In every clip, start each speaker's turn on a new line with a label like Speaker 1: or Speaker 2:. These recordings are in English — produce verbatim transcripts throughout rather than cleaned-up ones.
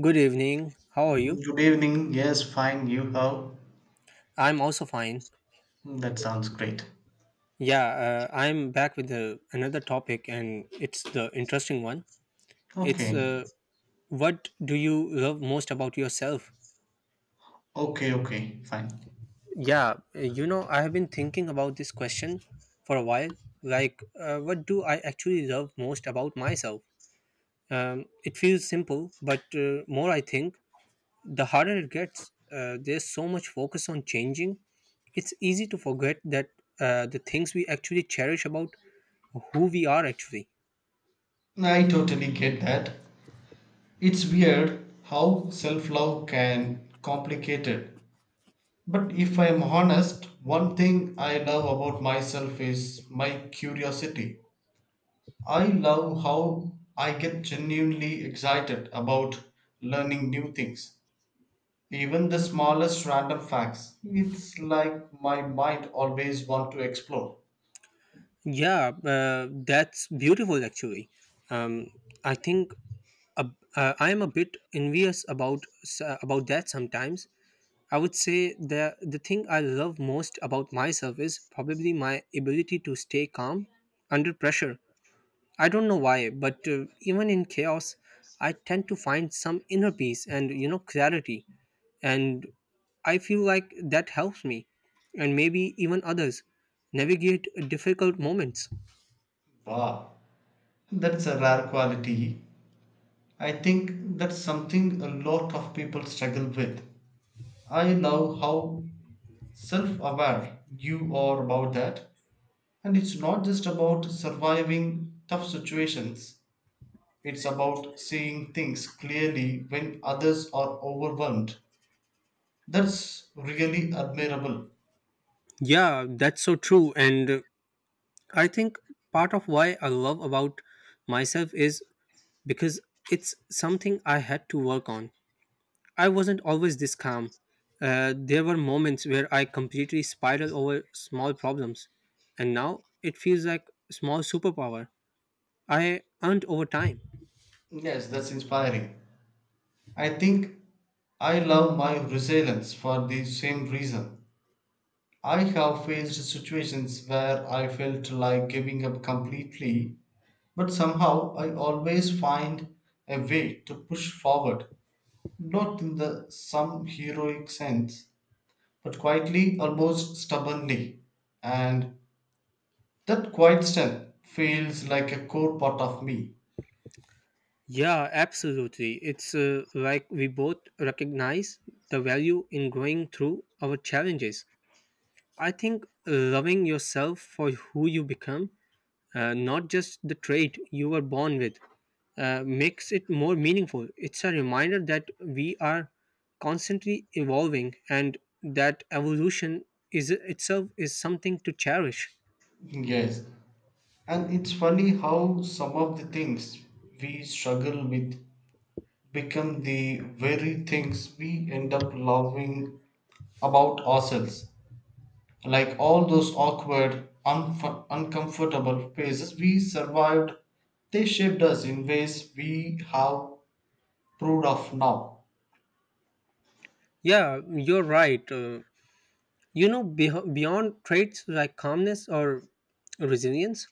Speaker 1: Good evening. How are you?
Speaker 2: Good evening. Yes, fine. You how?
Speaker 1: I'm also fine.
Speaker 2: That sounds great.
Speaker 1: Yeah, uh, I'm back with uh, another topic, and it's the interesting one. It's
Speaker 2: Okay.
Speaker 1: uh, what do you love most about yourself?
Speaker 2: Okay, okay. Fine.
Speaker 1: Yeah, uh, you know, I have been thinking about this question for a while. Like, uh, what do I actually love most about myself? Um, it feels simple, but uh, more I think, the harder it gets. Uh, there's so much focus on changing, it's easy to forget that uh, the things we actually cherish about who we are actually.
Speaker 2: I totally get that. It's weird how self-love can complicate it. But if I'm honest, one thing I love about myself is my curiosity. I love how I get genuinely excited about learning new things. Even the smallest random facts. It's like my mind always wants to explore.
Speaker 1: Yeah, uh, that's beautiful actually. Um, I think a, uh, I am a bit envious about s- uh, about that sometimes. I would say the the thing I love most about myself is probably my ability to stay calm under pressure. I don't know why, but uh, even in chaos, I tend to find some inner peace and, you know, clarity, and I feel like that helps me, and maybe even others, navigate difficult moments.
Speaker 2: Wow, that's a rare quality. I think that's something a lot of people struggle with. I love how self aware you are about that. And it's not just about surviving tough situations, it's about seeing things clearly when others are overwhelmed. That's really admirable.
Speaker 1: Yeah, that's so true, and uh, I think part of why I love about myself is because it's something I had to work on. I wasn't always this calm. Uh, there were moments where I completely spiraled over small problems, and now it feels like a small superpower I earned over time.
Speaker 2: Yes, that's inspiring. I think I love my resilience for the same reason. I have faced situations where I felt like giving up completely, but somehow I always find a way to push forward, not in the some heroic sense, but quietly, almost stubbornly. And that quiet strength feels like a core part of me.
Speaker 1: Yeah, absolutely. It's uh, like we both recognize the value in going through our challenges. I think loving yourself for who you become, uh, not just the trait you were born with, uh, makes it more meaningful. It's a reminder that we are constantly evolving, and that evolution is itself is something to cherish.
Speaker 2: Yes. And it's funny how some of the things we struggle with become the very things we end up loving about ourselves. Like all those awkward, unf- uncomfortable phases we survived, they shaped us in ways we have proved of now.
Speaker 1: Yeah, you're right. Uh, you know, beh- beyond traits like calmness or resilience,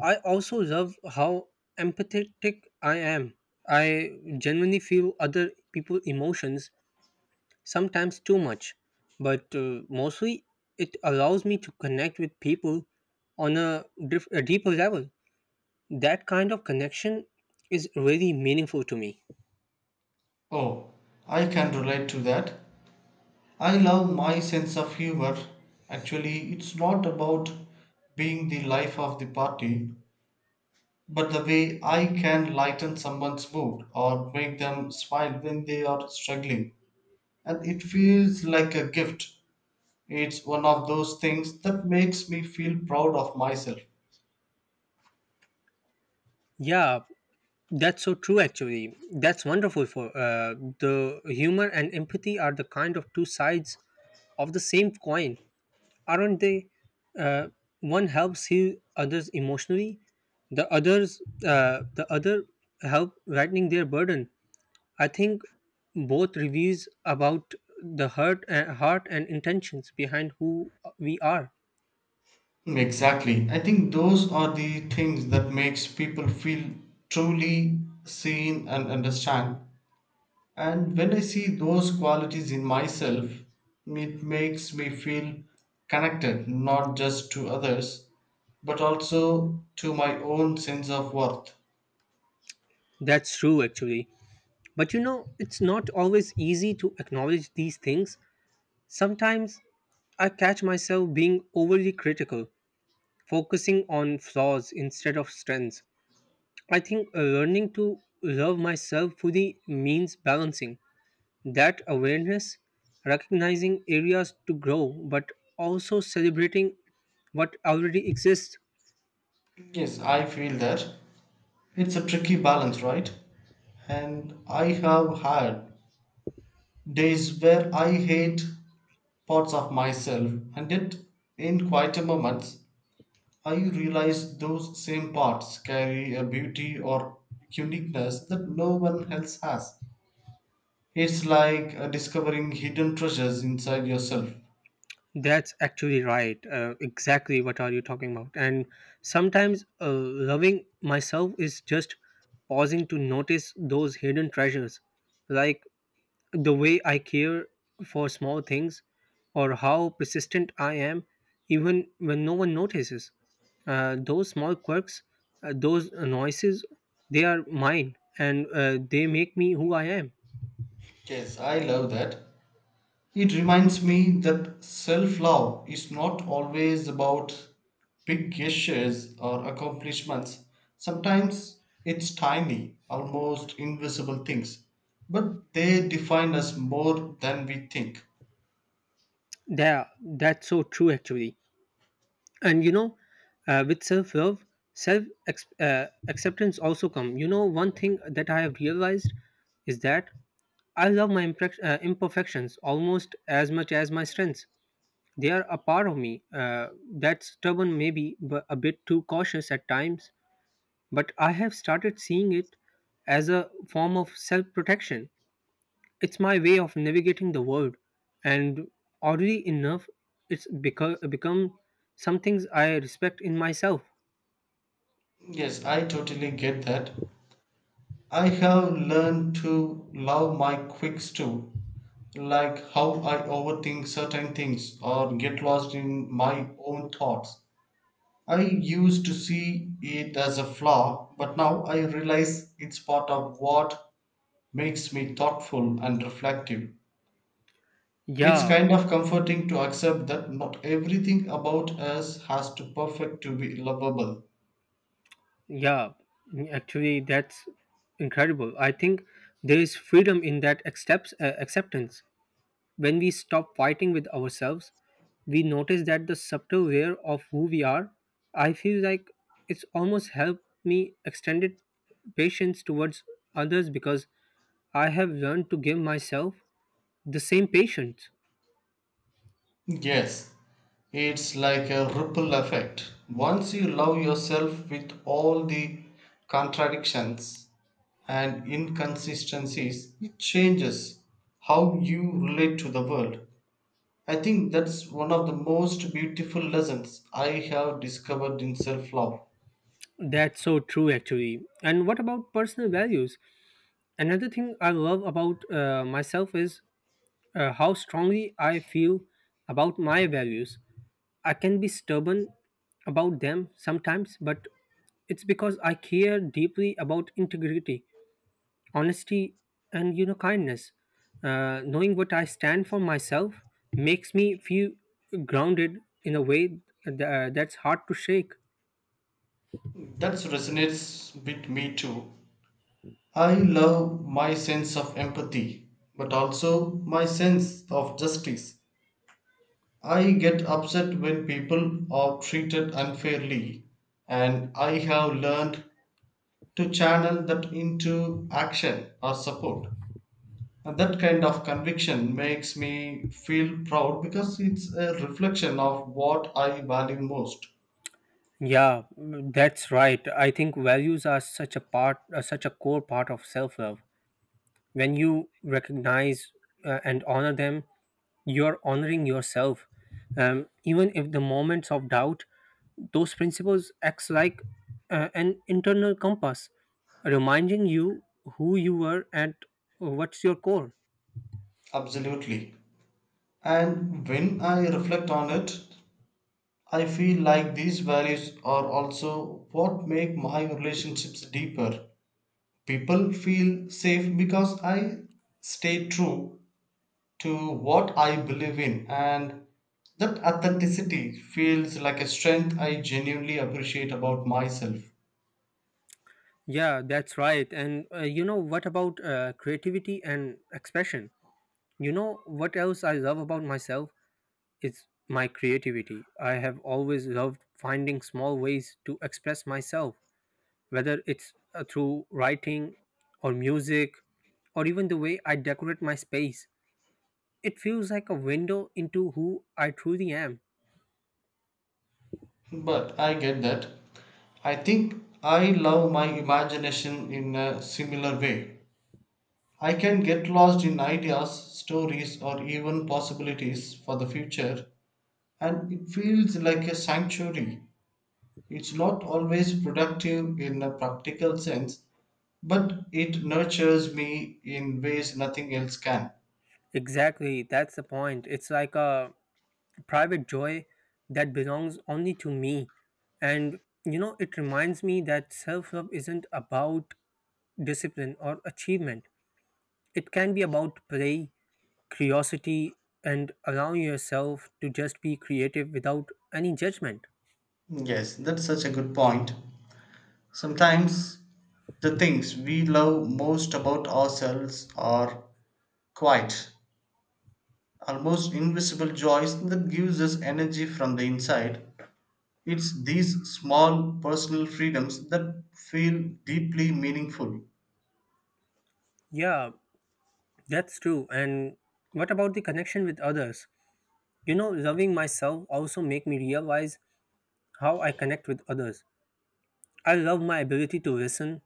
Speaker 1: I also love how empathetic I am. I genuinely feel other people's emotions sometimes too much, but uh, mostly it allows me to connect with people on a, diff- a deeper level. That kind of connection is really meaningful to me.
Speaker 2: Oh, I can relate to that. I love my sense of humor. Actually, it's not about being the life of the party, but the way I can lighten someone's mood or make them smile when they are struggling. And it feels like a gift. It's one of those things that makes me feel proud of myself.
Speaker 1: Yeah, that's so true actually. That's wonderful. For uh, the humor and empathy are the kind of two sides of the same coin, aren't they? Uh, One helps heal others emotionally, the others uh, the other help lightening their burden. I think both reveals about the heart and heart and intentions behind who we are.
Speaker 2: Hmm, exactly. I think those are the things that makes people feel truly seen and understand. And when I see those qualities in myself, it makes me feel connected not just to others, but also to my own sense of worth.
Speaker 1: That's true actually. But you know, it's not always easy to acknowledge these things. Sometimes I catch myself being overly critical, focusing on flaws instead of strengths. I think learning to love myself fully means balancing that awareness, recognizing areas to grow, but also celebrating what already exists.
Speaker 2: Yes, I feel that. It's a tricky balance, right? And I have had days where I hate parts of myself, and yet in quieter moments I realize those same parts carry a beauty or uniqueness that no one else has. It's like uh, discovering hidden treasures inside yourself.
Speaker 1: That's actually right. Uh, exactly what are you talking about. And sometimes uh, loving myself is just pausing to notice those hidden treasures, like the way I care for small things or how persistent I am, even when no one notices. Uh, those small quirks, uh, those noises, they are mine, and uh, they make me who I am.
Speaker 2: Yes, I love that. It reminds me that self love is not always about big gestures or accomplishments. Sometimes it's tiny, almost invisible things, but they define us more than we think.
Speaker 1: Yeah, that's so true actually. And you know, uh, with self love, self ex- uh, acceptance also come. You know, one thing that I have realized is that I love my imperfec- uh, imperfections almost as much as my strengths. They are a part of me uh, that's stubborn, maybe, but a bit too cautious at times. But I have started seeing it as a form of self protection. It's my way of navigating the world. And oddly enough, it's beco- become some things I respect in myself.
Speaker 2: Yes, I totally get that. I have learned to love my quirks too, like how I overthink certain things or get lost in my own thoughts. I used to see it as a flaw, but now I realize it's part of what makes me thoughtful and reflective. It's
Speaker 1: Yeah,
Speaker 2: kind of comforting to accept that not everything about us has to perfect to be lovable.
Speaker 1: yeah. Actually, that's incredible. I think there is freedom in that accepts, uh, acceptance. When we stop fighting with ourselves, we notice that the subtle layer of who we are. I feel like it's almost helped me extended patience towards others because I have learned to give myself the same patience.
Speaker 2: Yes, it's like a ripple effect. Once you love yourself with all the contradictions and inconsistencies, it changes how you relate to the world. I think that's one of the most beautiful lessons I have discovered in self love.
Speaker 1: That's so true, actually. And what about personal values? Another thing I love about uh, myself is uh, how strongly I feel about my values. I can be stubborn about them sometimes, but it's because I care deeply about integrity, honesty, and, you know, kindness. Uh, knowing what I stand for myself makes me feel grounded in a way th- uh, that's hard to shake.
Speaker 2: That resonates with me too. I love my sense of empathy, but also my sense of justice. I get upset when people are treated unfairly, and I have learned to channel that into action or support. And that kind of conviction makes me feel proud because it's a reflection of what I value most.
Speaker 1: Yeah, that's right. I think values are such a part, uh, such a core part of self-love. When you recognize uh, and honor them, you're honoring yourself. Um, even if the moments of doubt, those principles acts like uh, an internal compass reminding you who you were and what's your core.
Speaker 2: Absolutely. And when I reflect on it, I feel like these values are also what make my relationships deeper. People feel safe because I stay true to what I believe in, and that authenticity feels like a strength I genuinely appreciate about myself.
Speaker 1: Yeah, that's right, and uh, you know, what about uh, creativity and expression? You know what else I love about myself is my creativity. I have always loved finding small ways to express myself, whether it's uh, through writing or music or even the way I decorate my space. It feels like a window into who I truly am.
Speaker 2: But I get that. I think I love my imagination in a similar way. I can get lost in ideas, stories, or even possibilities for the future, and it feels like a sanctuary. It's not always productive in a practical sense, but it nurtures me in ways nothing else can.
Speaker 1: Exactly, that's the point. It's like a private joy that belongs only to me. And you know, it reminds me that self love isn't about discipline or achievement, it can be about play, curiosity, and allowing yourself to just be creative without any judgment.
Speaker 2: Yes, that's such a good point. Sometimes the things we love most about ourselves are quiet, almost invisible joys that gives us energy from the inside. It's these small personal freedoms that feel deeply meaningful.
Speaker 1: Yeah, that's true. And what about the connection with others? You know, loving myself also make me realize how I connect with others. I love my ability to listen,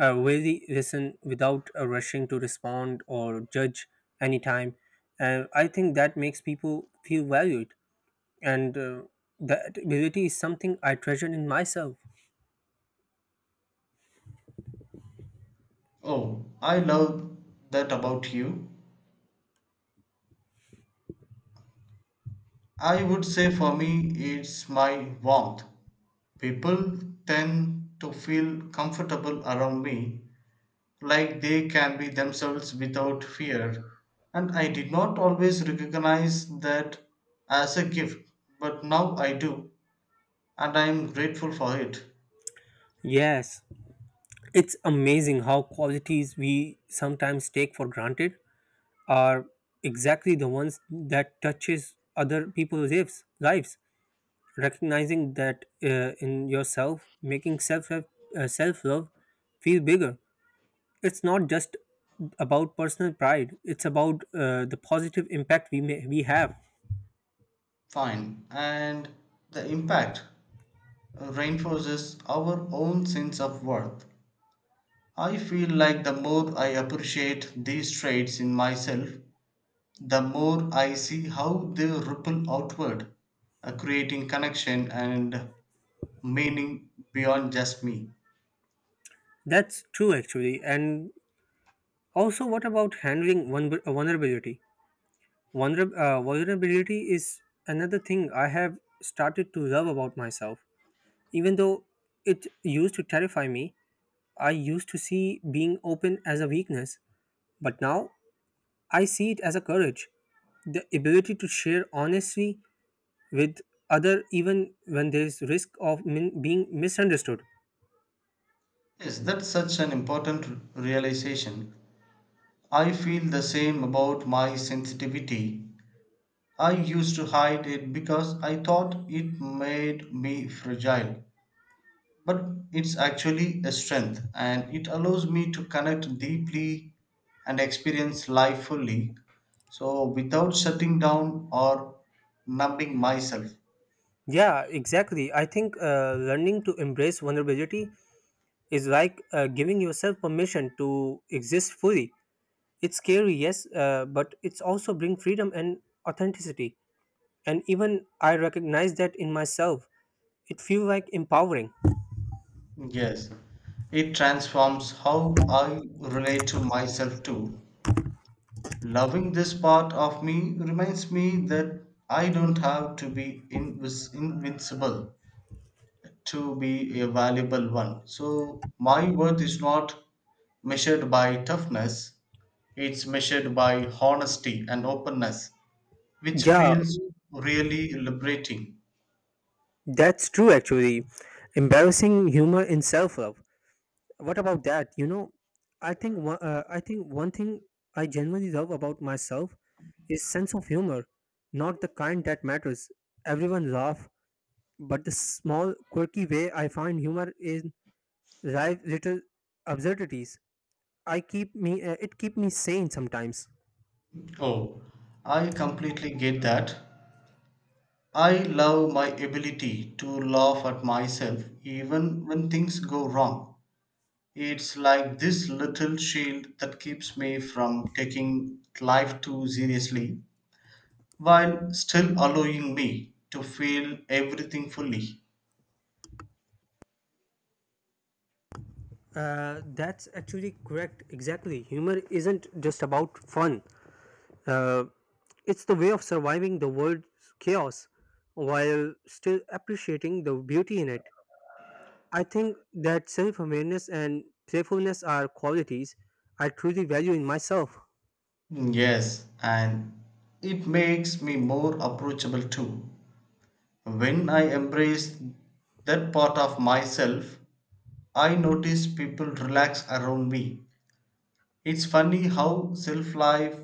Speaker 1: uh, really listen without uh, rushing to respond or judge anytime. And I think that makes people feel valued. And uh, that ability is something I treasure in myself.
Speaker 2: Oh, I love that about you. I would say for me it's my warmth. People tend to feel comfortable around me, like they can be themselves without fear, and I did not always recognize that as a gift, but now I do, and I'm grateful for it.
Speaker 1: Yes, it's amazing how qualities we sometimes take for granted are exactly the ones that touches other people's lives lives recognizing that uh, in yourself making self uh, self love feel bigger. It's not just about personal pride, it's about uh, the positive impact we may we have.
Speaker 2: Fine. And the impact reinforces our own sense of worth. I feel like the more I appreciate these traits in myself, the more I see how they ripple outward, uh, creating connection and meaning beyond just me.
Speaker 1: That's true actually. And also, what about handling one vulnerability? Vulner- uh, vulnerability is another thing I have started to love about myself, even though it used to terrify me. I used to see being open as a weakness, but now I see it as a courage. The ability to share honestly with other even when there's risk of min- being misunderstood.
Speaker 2: Yes, that's such an important realization. I feel the same about my sensitivity. I used to hide it because I thought it made me fragile, but it's actually a strength and it allows me to connect deeply and experience life fully. So, without shutting down or numbing myself.
Speaker 1: Yeah, exactly. I think uh, learning to embrace vulnerability is like uh, giving yourself permission to exist fully. It's scary, yes, uh, but it's also bring freedom and authenticity. And even I recognize that in myself. It feels like empowering.
Speaker 2: Yes, it transforms how I relate to myself too. Loving this part of me reminds me that I don't have to be invis- invincible to be a valuable one. So, my worth is not measured by toughness, it's measured by honesty and openness, which
Speaker 1: Yeah,
Speaker 2: feels really liberating.
Speaker 1: that's true, actually. Embarrassing humor in self-love. What about that? You know, I think one, uh, I think one thing I genuinely love about myself is sense of humor, not the kind that matters. Everyone laugh, but the small quirky way I find humor in live little absurdities. I keep me uh, it keep me sane sometimes.
Speaker 2: Oh, I completely get that. I love my ability to laugh at myself even when things go wrong. It's like this little shield that keeps me from taking life too seriously, while still allowing me to feel everything fully.
Speaker 1: Uh, that's actually correct. Exactly, humor isn't just about fun. Uh, it's the way of surviving the world's chaos while still appreciating the beauty in it. I think that self awareness and playfulness are qualities I truly value in myself.
Speaker 2: Yes, and it makes me more approachable too. When I embrace that part of myself, I notice people relax around me. It's funny how self life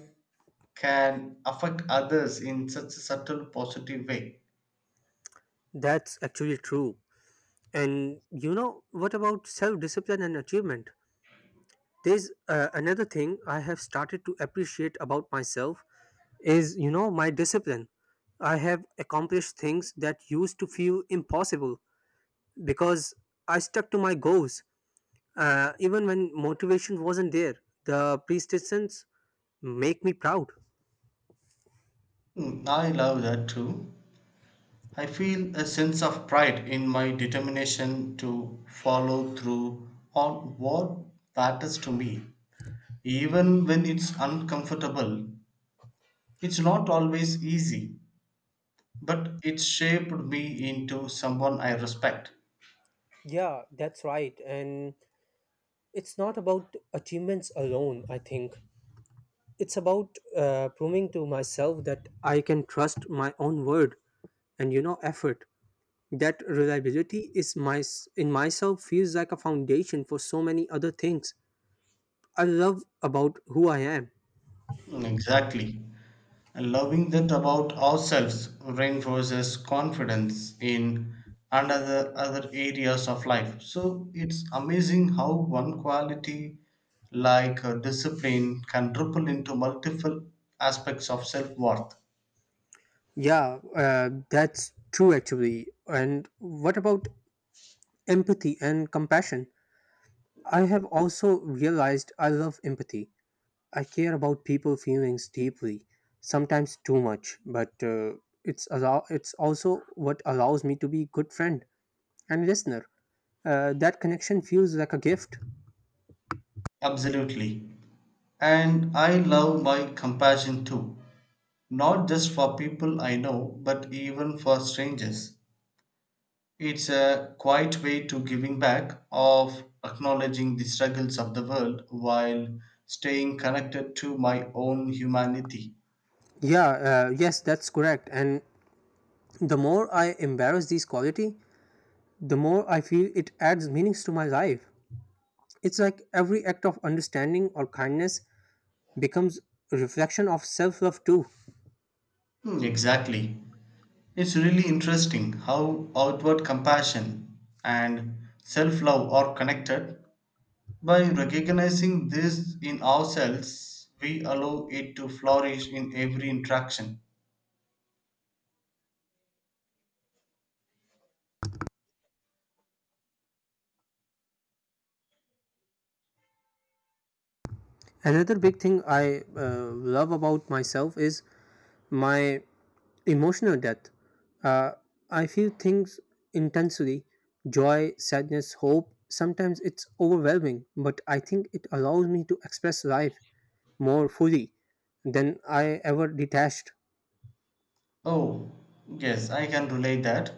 Speaker 2: can affect others in such a subtle positive way.
Speaker 1: That's actually true. And you know, what about self discipline and achievement? There's uh, another thing I have started to appreciate about myself is, you know, my discipline. I have accomplished things that used to feel impossible because I stuck to my goals uh, even when motivation wasn't there. The persistence make me proud.
Speaker 2: Mm, I love that too. I feel a sense of pride in my determination to follow through on what matters to me, even when it's uncomfortable. It's not always easy, but it shaped me into someone I respect.
Speaker 1: Yeah, that's right. And it's not about achievements alone, I think. It's about uh, proving to myself that I can trust my own word and, you know, effort. That reliability is my in myself feels like a foundation for so many other things I love about who I am.
Speaker 2: Exactly. Loving that about ourselves reinforces confidence in and other, other areas of life. So it's amazing how one quality like uh, discipline can ripple into multiple aspects of self worth.
Speaker 1: Yeah, uh, that's true actually. And what about empathy and compassion? I have also realized I love empathy. I care about people's feelings deeply, sometimes too much, but uh, it's allow it's also what allows me to be good friend and listener. Uh, that connection feels like a gift.
Speaker 2: Absolutely. And I love my compassion too, not just for people I know, but even for strangers. It's a quiet way to giving back, of acknowledging the struggles of the world while staying connected to my own humanity.
Speaker 1: Yeah, uh, yes, that's correct. And the more I embrace this quality, the more I feel it adds meanings to my life. It's like every act of understanding or kindness becomes a reflection of self love too.
Speaker 2: Hmm, exactly. It's really interesting how outward compassion and self love are connected. By recognizing this in ourselves, we allow it to flourish in every interaction.
Speaker 1: Another big thing I uh, love about myself is my emotional depth. Uh, I feel things intensely: joy, sadness, hope. Sometimes it's overwhelming, but I think it allows me to express life more fully than I ever detached.
Speaker 2: Oh, yes, I can relate that.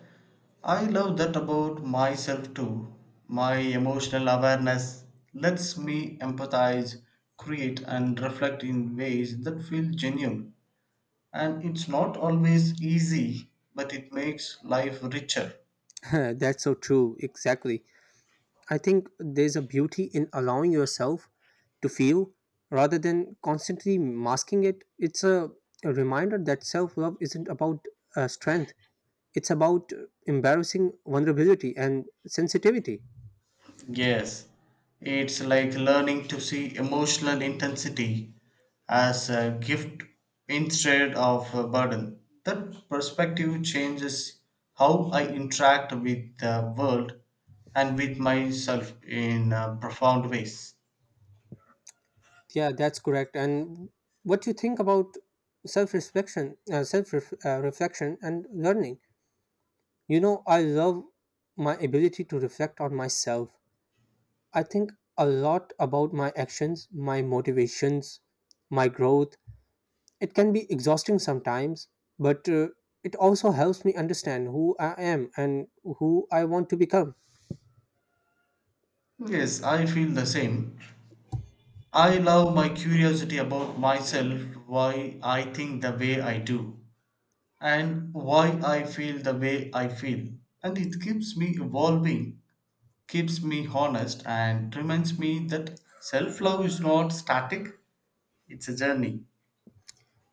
Speaker 2: I love that about myself too. My emotional awareness lets me empathize, create, and reflect in ways that feel genuine. And it's not always easy, but it makes life richer.
Speaker 1: That's so true, exactly. I think there's a beauty in allowing yourself to feel rather than constantly masking it. It's a, a reminder that self love isn't about uh, strength, it's about embarrassing vulnerability and sensitivity.
Speaker 2: Yes, it's like learning to see emotional intensity as a gift instead of a burden. That perspective changes how I interact with the world and with myself in uh, profound ways.
Speaker 1: Yeah, that's correct. And what you think about self reflection, uh, self uh, reflection, and learning? You know, I love my ability to reflect on myself. I think a lot about my actions, my motivations, my growth. It can be exhausting sometimes, but uh, it also helps me understand who I am and who I want to become.
Speaker 2: Yes, I feel the same. I love my curiosity about myself, why I think the way I do, and why I feel the way I feel. And it keeps me evolving, keeps me honest and reminds me that self love is not static, it's a journey.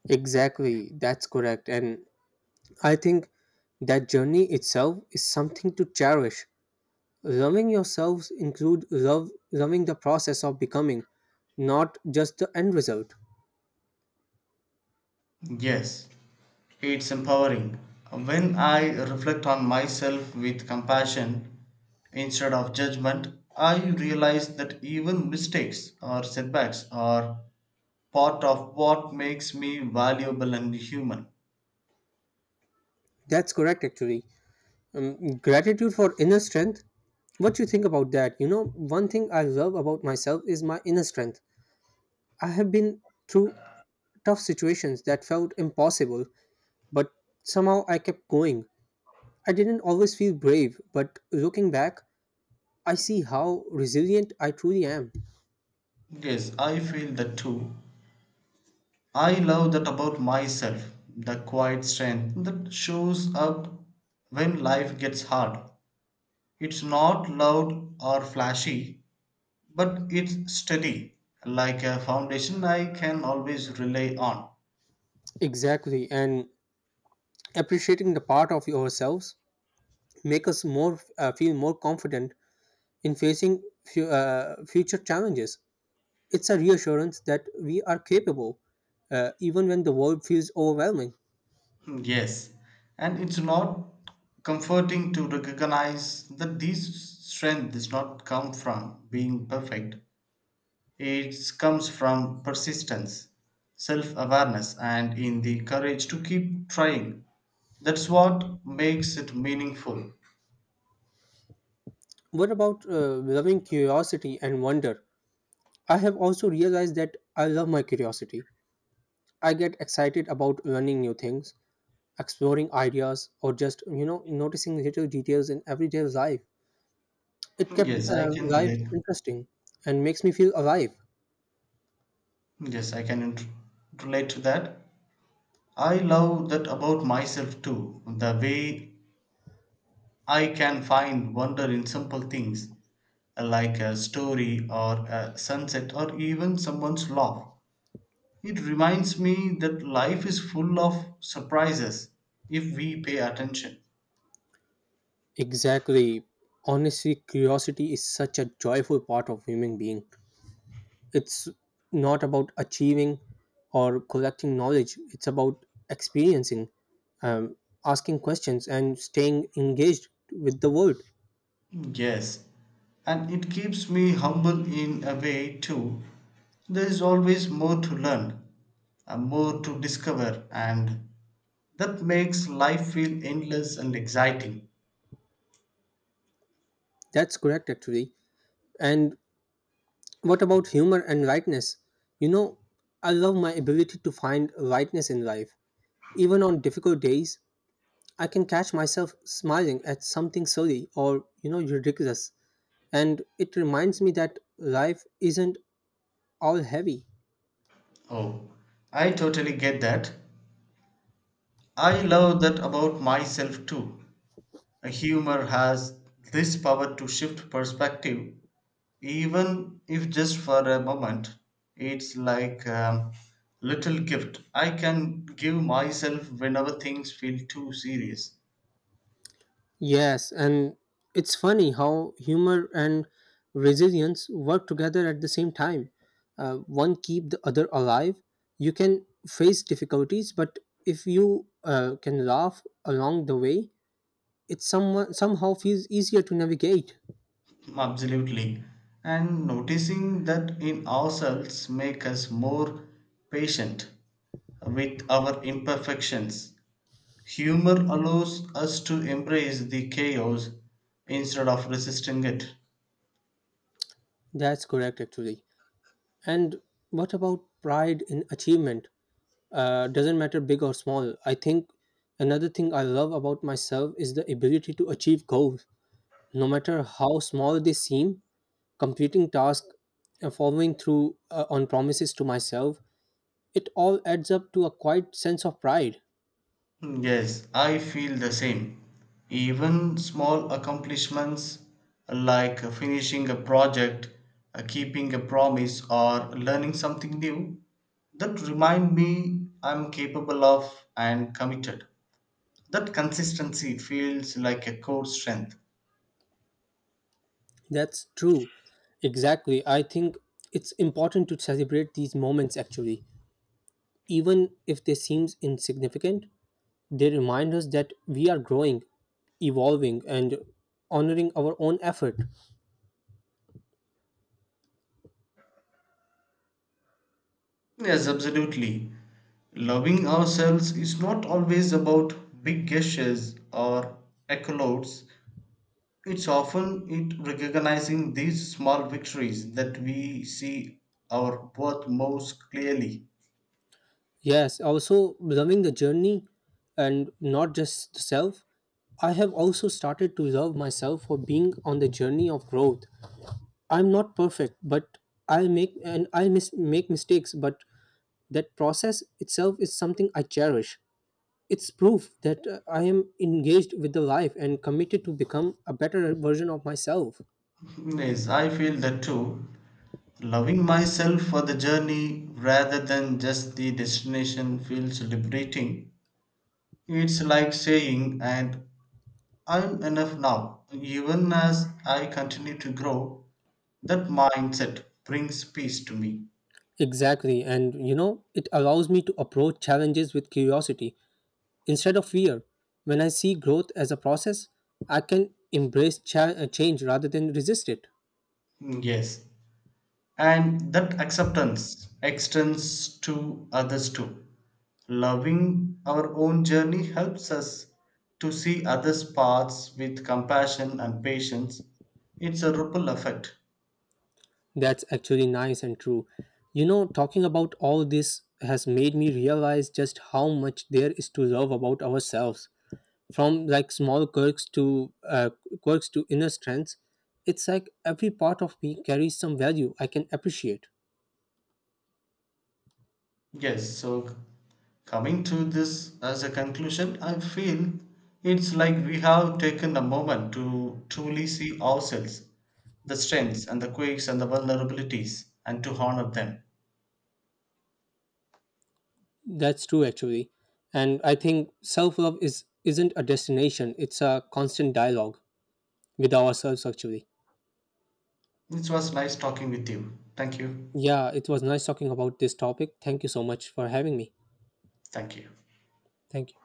Speaker 1: Exactly, that's correct. And I think that journey itself is something to cherish. Loving yourselves include love loving the process of becoming, not just the end result.
Speaker 2: Yes, it's empowering. When I reflect on myself with compassion instead of judgment, I realize that even mistakes or setbacks are part of what makes me valuable and human.
Speaker 1: That's correct actually. Um, gratitude for inner strength. What you think about that? You know, one thing I love about myself is my inner strength. I have been through tough situations that felt impossible, but somehow I kept going. I didn't always feel brave, but looking back, I see how resilient I truly am.
Speaker 2: Yes, I feel that too. I love that about myself, the quiet strength that shows up when life gets hard. It's not loud or flashy, but it's steady, like a foundation I can always rely on.
Speaker 1: Exactly, and appreciating the part of yourselves make us more uh, feel more confident in facing fu- uh, future challenges. It's a reassurance that we are capable, uh, even when the world feels overwhelming.
Speaker 2: Yes, and it's not comforting to recognize that this strength does not come from being perfect. It comes from persistence, self awareness, and in the courage to keep trying. That's what makes it meaningful.
Speaker 1: What about uh, loving curiosity and wonder? I have also realized that I love my curiosity. I get excited about learning new things, exploring ideas, or just you know noticing little details in everyday life. It kept
Speaker 2: Yes, I
Speaker 1: uh,
Speaker 2: can
Speaker 1: life
Speaker 2: relate.
Speaker 1: interesting and makes me feel alive.
Speaker 2: Yes, I can int- relate to that. I love that about myself too. The way I can find wonder in simple things like a story or a sunset or even someone's laugh. It reminds me that life is full of surprises if we pay attention.
Speaker 1: Exactly. Honestly, curiosity is such a joyful part of human being. It's not about achieving or collecting knowledge. It's about experiencing, um, asking questions, and staying engaged with the world.
Speaker 2: Yes, and it keeps me humble in a way too. There is always more to learn, and more to discover, and that makes life feel endless and exciting.
Speaker 1: That's correct, actually. And what about humor and lightness? You know, I love my ability to find lightness in life. Even on difficult days, I can catch myself smiling at something silly or, you know, ridiculous. And it reminds me that life isn't all heavy.
Speaker 2: Oh, I totally get that. I love that about myself too. A humor has this power to shift perspective, even if just for a moment. It's like a little gift I can give myself whenever things feel too serious.
Speaker 1: Yes, and it's funny how humor and resilience work together at the same time. Uh, one keep the other alive. You can face difficulties, but if you uh, can laugh along the way, it some, somehow feels easier to navigate.
Speaker 2: Absolutely, and noticing that in ourselves make us more patient with our imperfections. Humor allows us to embrace the chaos instead of resisting it.
Speaker 1: That's correct, actually. And what about pride in achievement? Uh, doesn't matter big or small. I think another thing I love about myself is the ability to achieve goals, no matter how small they seem. Completing tasks and following through uh, on promises to myself, it all adds up to a quiet sense of pride.
Speaker 2: Yes, I feel the same. Even small accomplishments like finishing a project, uh, keeping a promise, or learning something new, that remind me I'm capable of and committed. That consistency feels like a core strength.
Speaker 1: That's true. Exactly. I think it's important to celebrate these moments actually. Even if they seem insignificant, they remind us that we are growing, evolving, and honoring our own effort.
Speaker 2: Yes, absolutely. Loving ourselves is not always about big gestures or accolades. It's often it recognizing these small victories that we see our worth most clearly.
Speaker 1: Yes, also loving the journey and not just the self. I have also started to love myself for being on the journey of growth. I'm not perfect, but I make and I mis- make mistakes, but that process itself is something I cherish. It's proof that uh, I am engaged with the life and committed to become a better version of myself.
Speaker 2: Yes, I feel that too. Loving myself for the journey rather than just the destination feels liberating. It's like saying, and I'm enough now. Even as I continue to grow, that mindset brings peace to me.
Speaker 1: Exactly, and you know, it allows me to approach challenges with curiosity instead of fear. When I see growth as a process, I can embrace cha- uh, change rather than resist it.
Speaker 2: Yes, and that acceptance extends to others too. Loving our own journey helps us to see others' paths with compassion and patience. It's a ripple effect.
Speaker 1: That's actually nice and true. You know, talking about all this has made me realize just how much there is to love about ourselves, from like small quirks to uh, quirks to inner strengths. It's like every part of me carries some value I can appreciate.
Speaker 2: Yes, so coming to this as a conclusion, I feel it's like we have taken a moment to truly see ourselves, the strengths and the quirks and the vulnerabilities, and to honor them.
Speaker 1: That's true actually, and I think self love is isn't a destination, it's a constant dialogue with ourselves actually.
Speaker 2: It was nice talking with you. Thank you.
Speaker 1: Yeah, it was nice talking about this topic. Thank you so much for having me.
Speaker 2: Thank you.
Speaker 1: Thank you.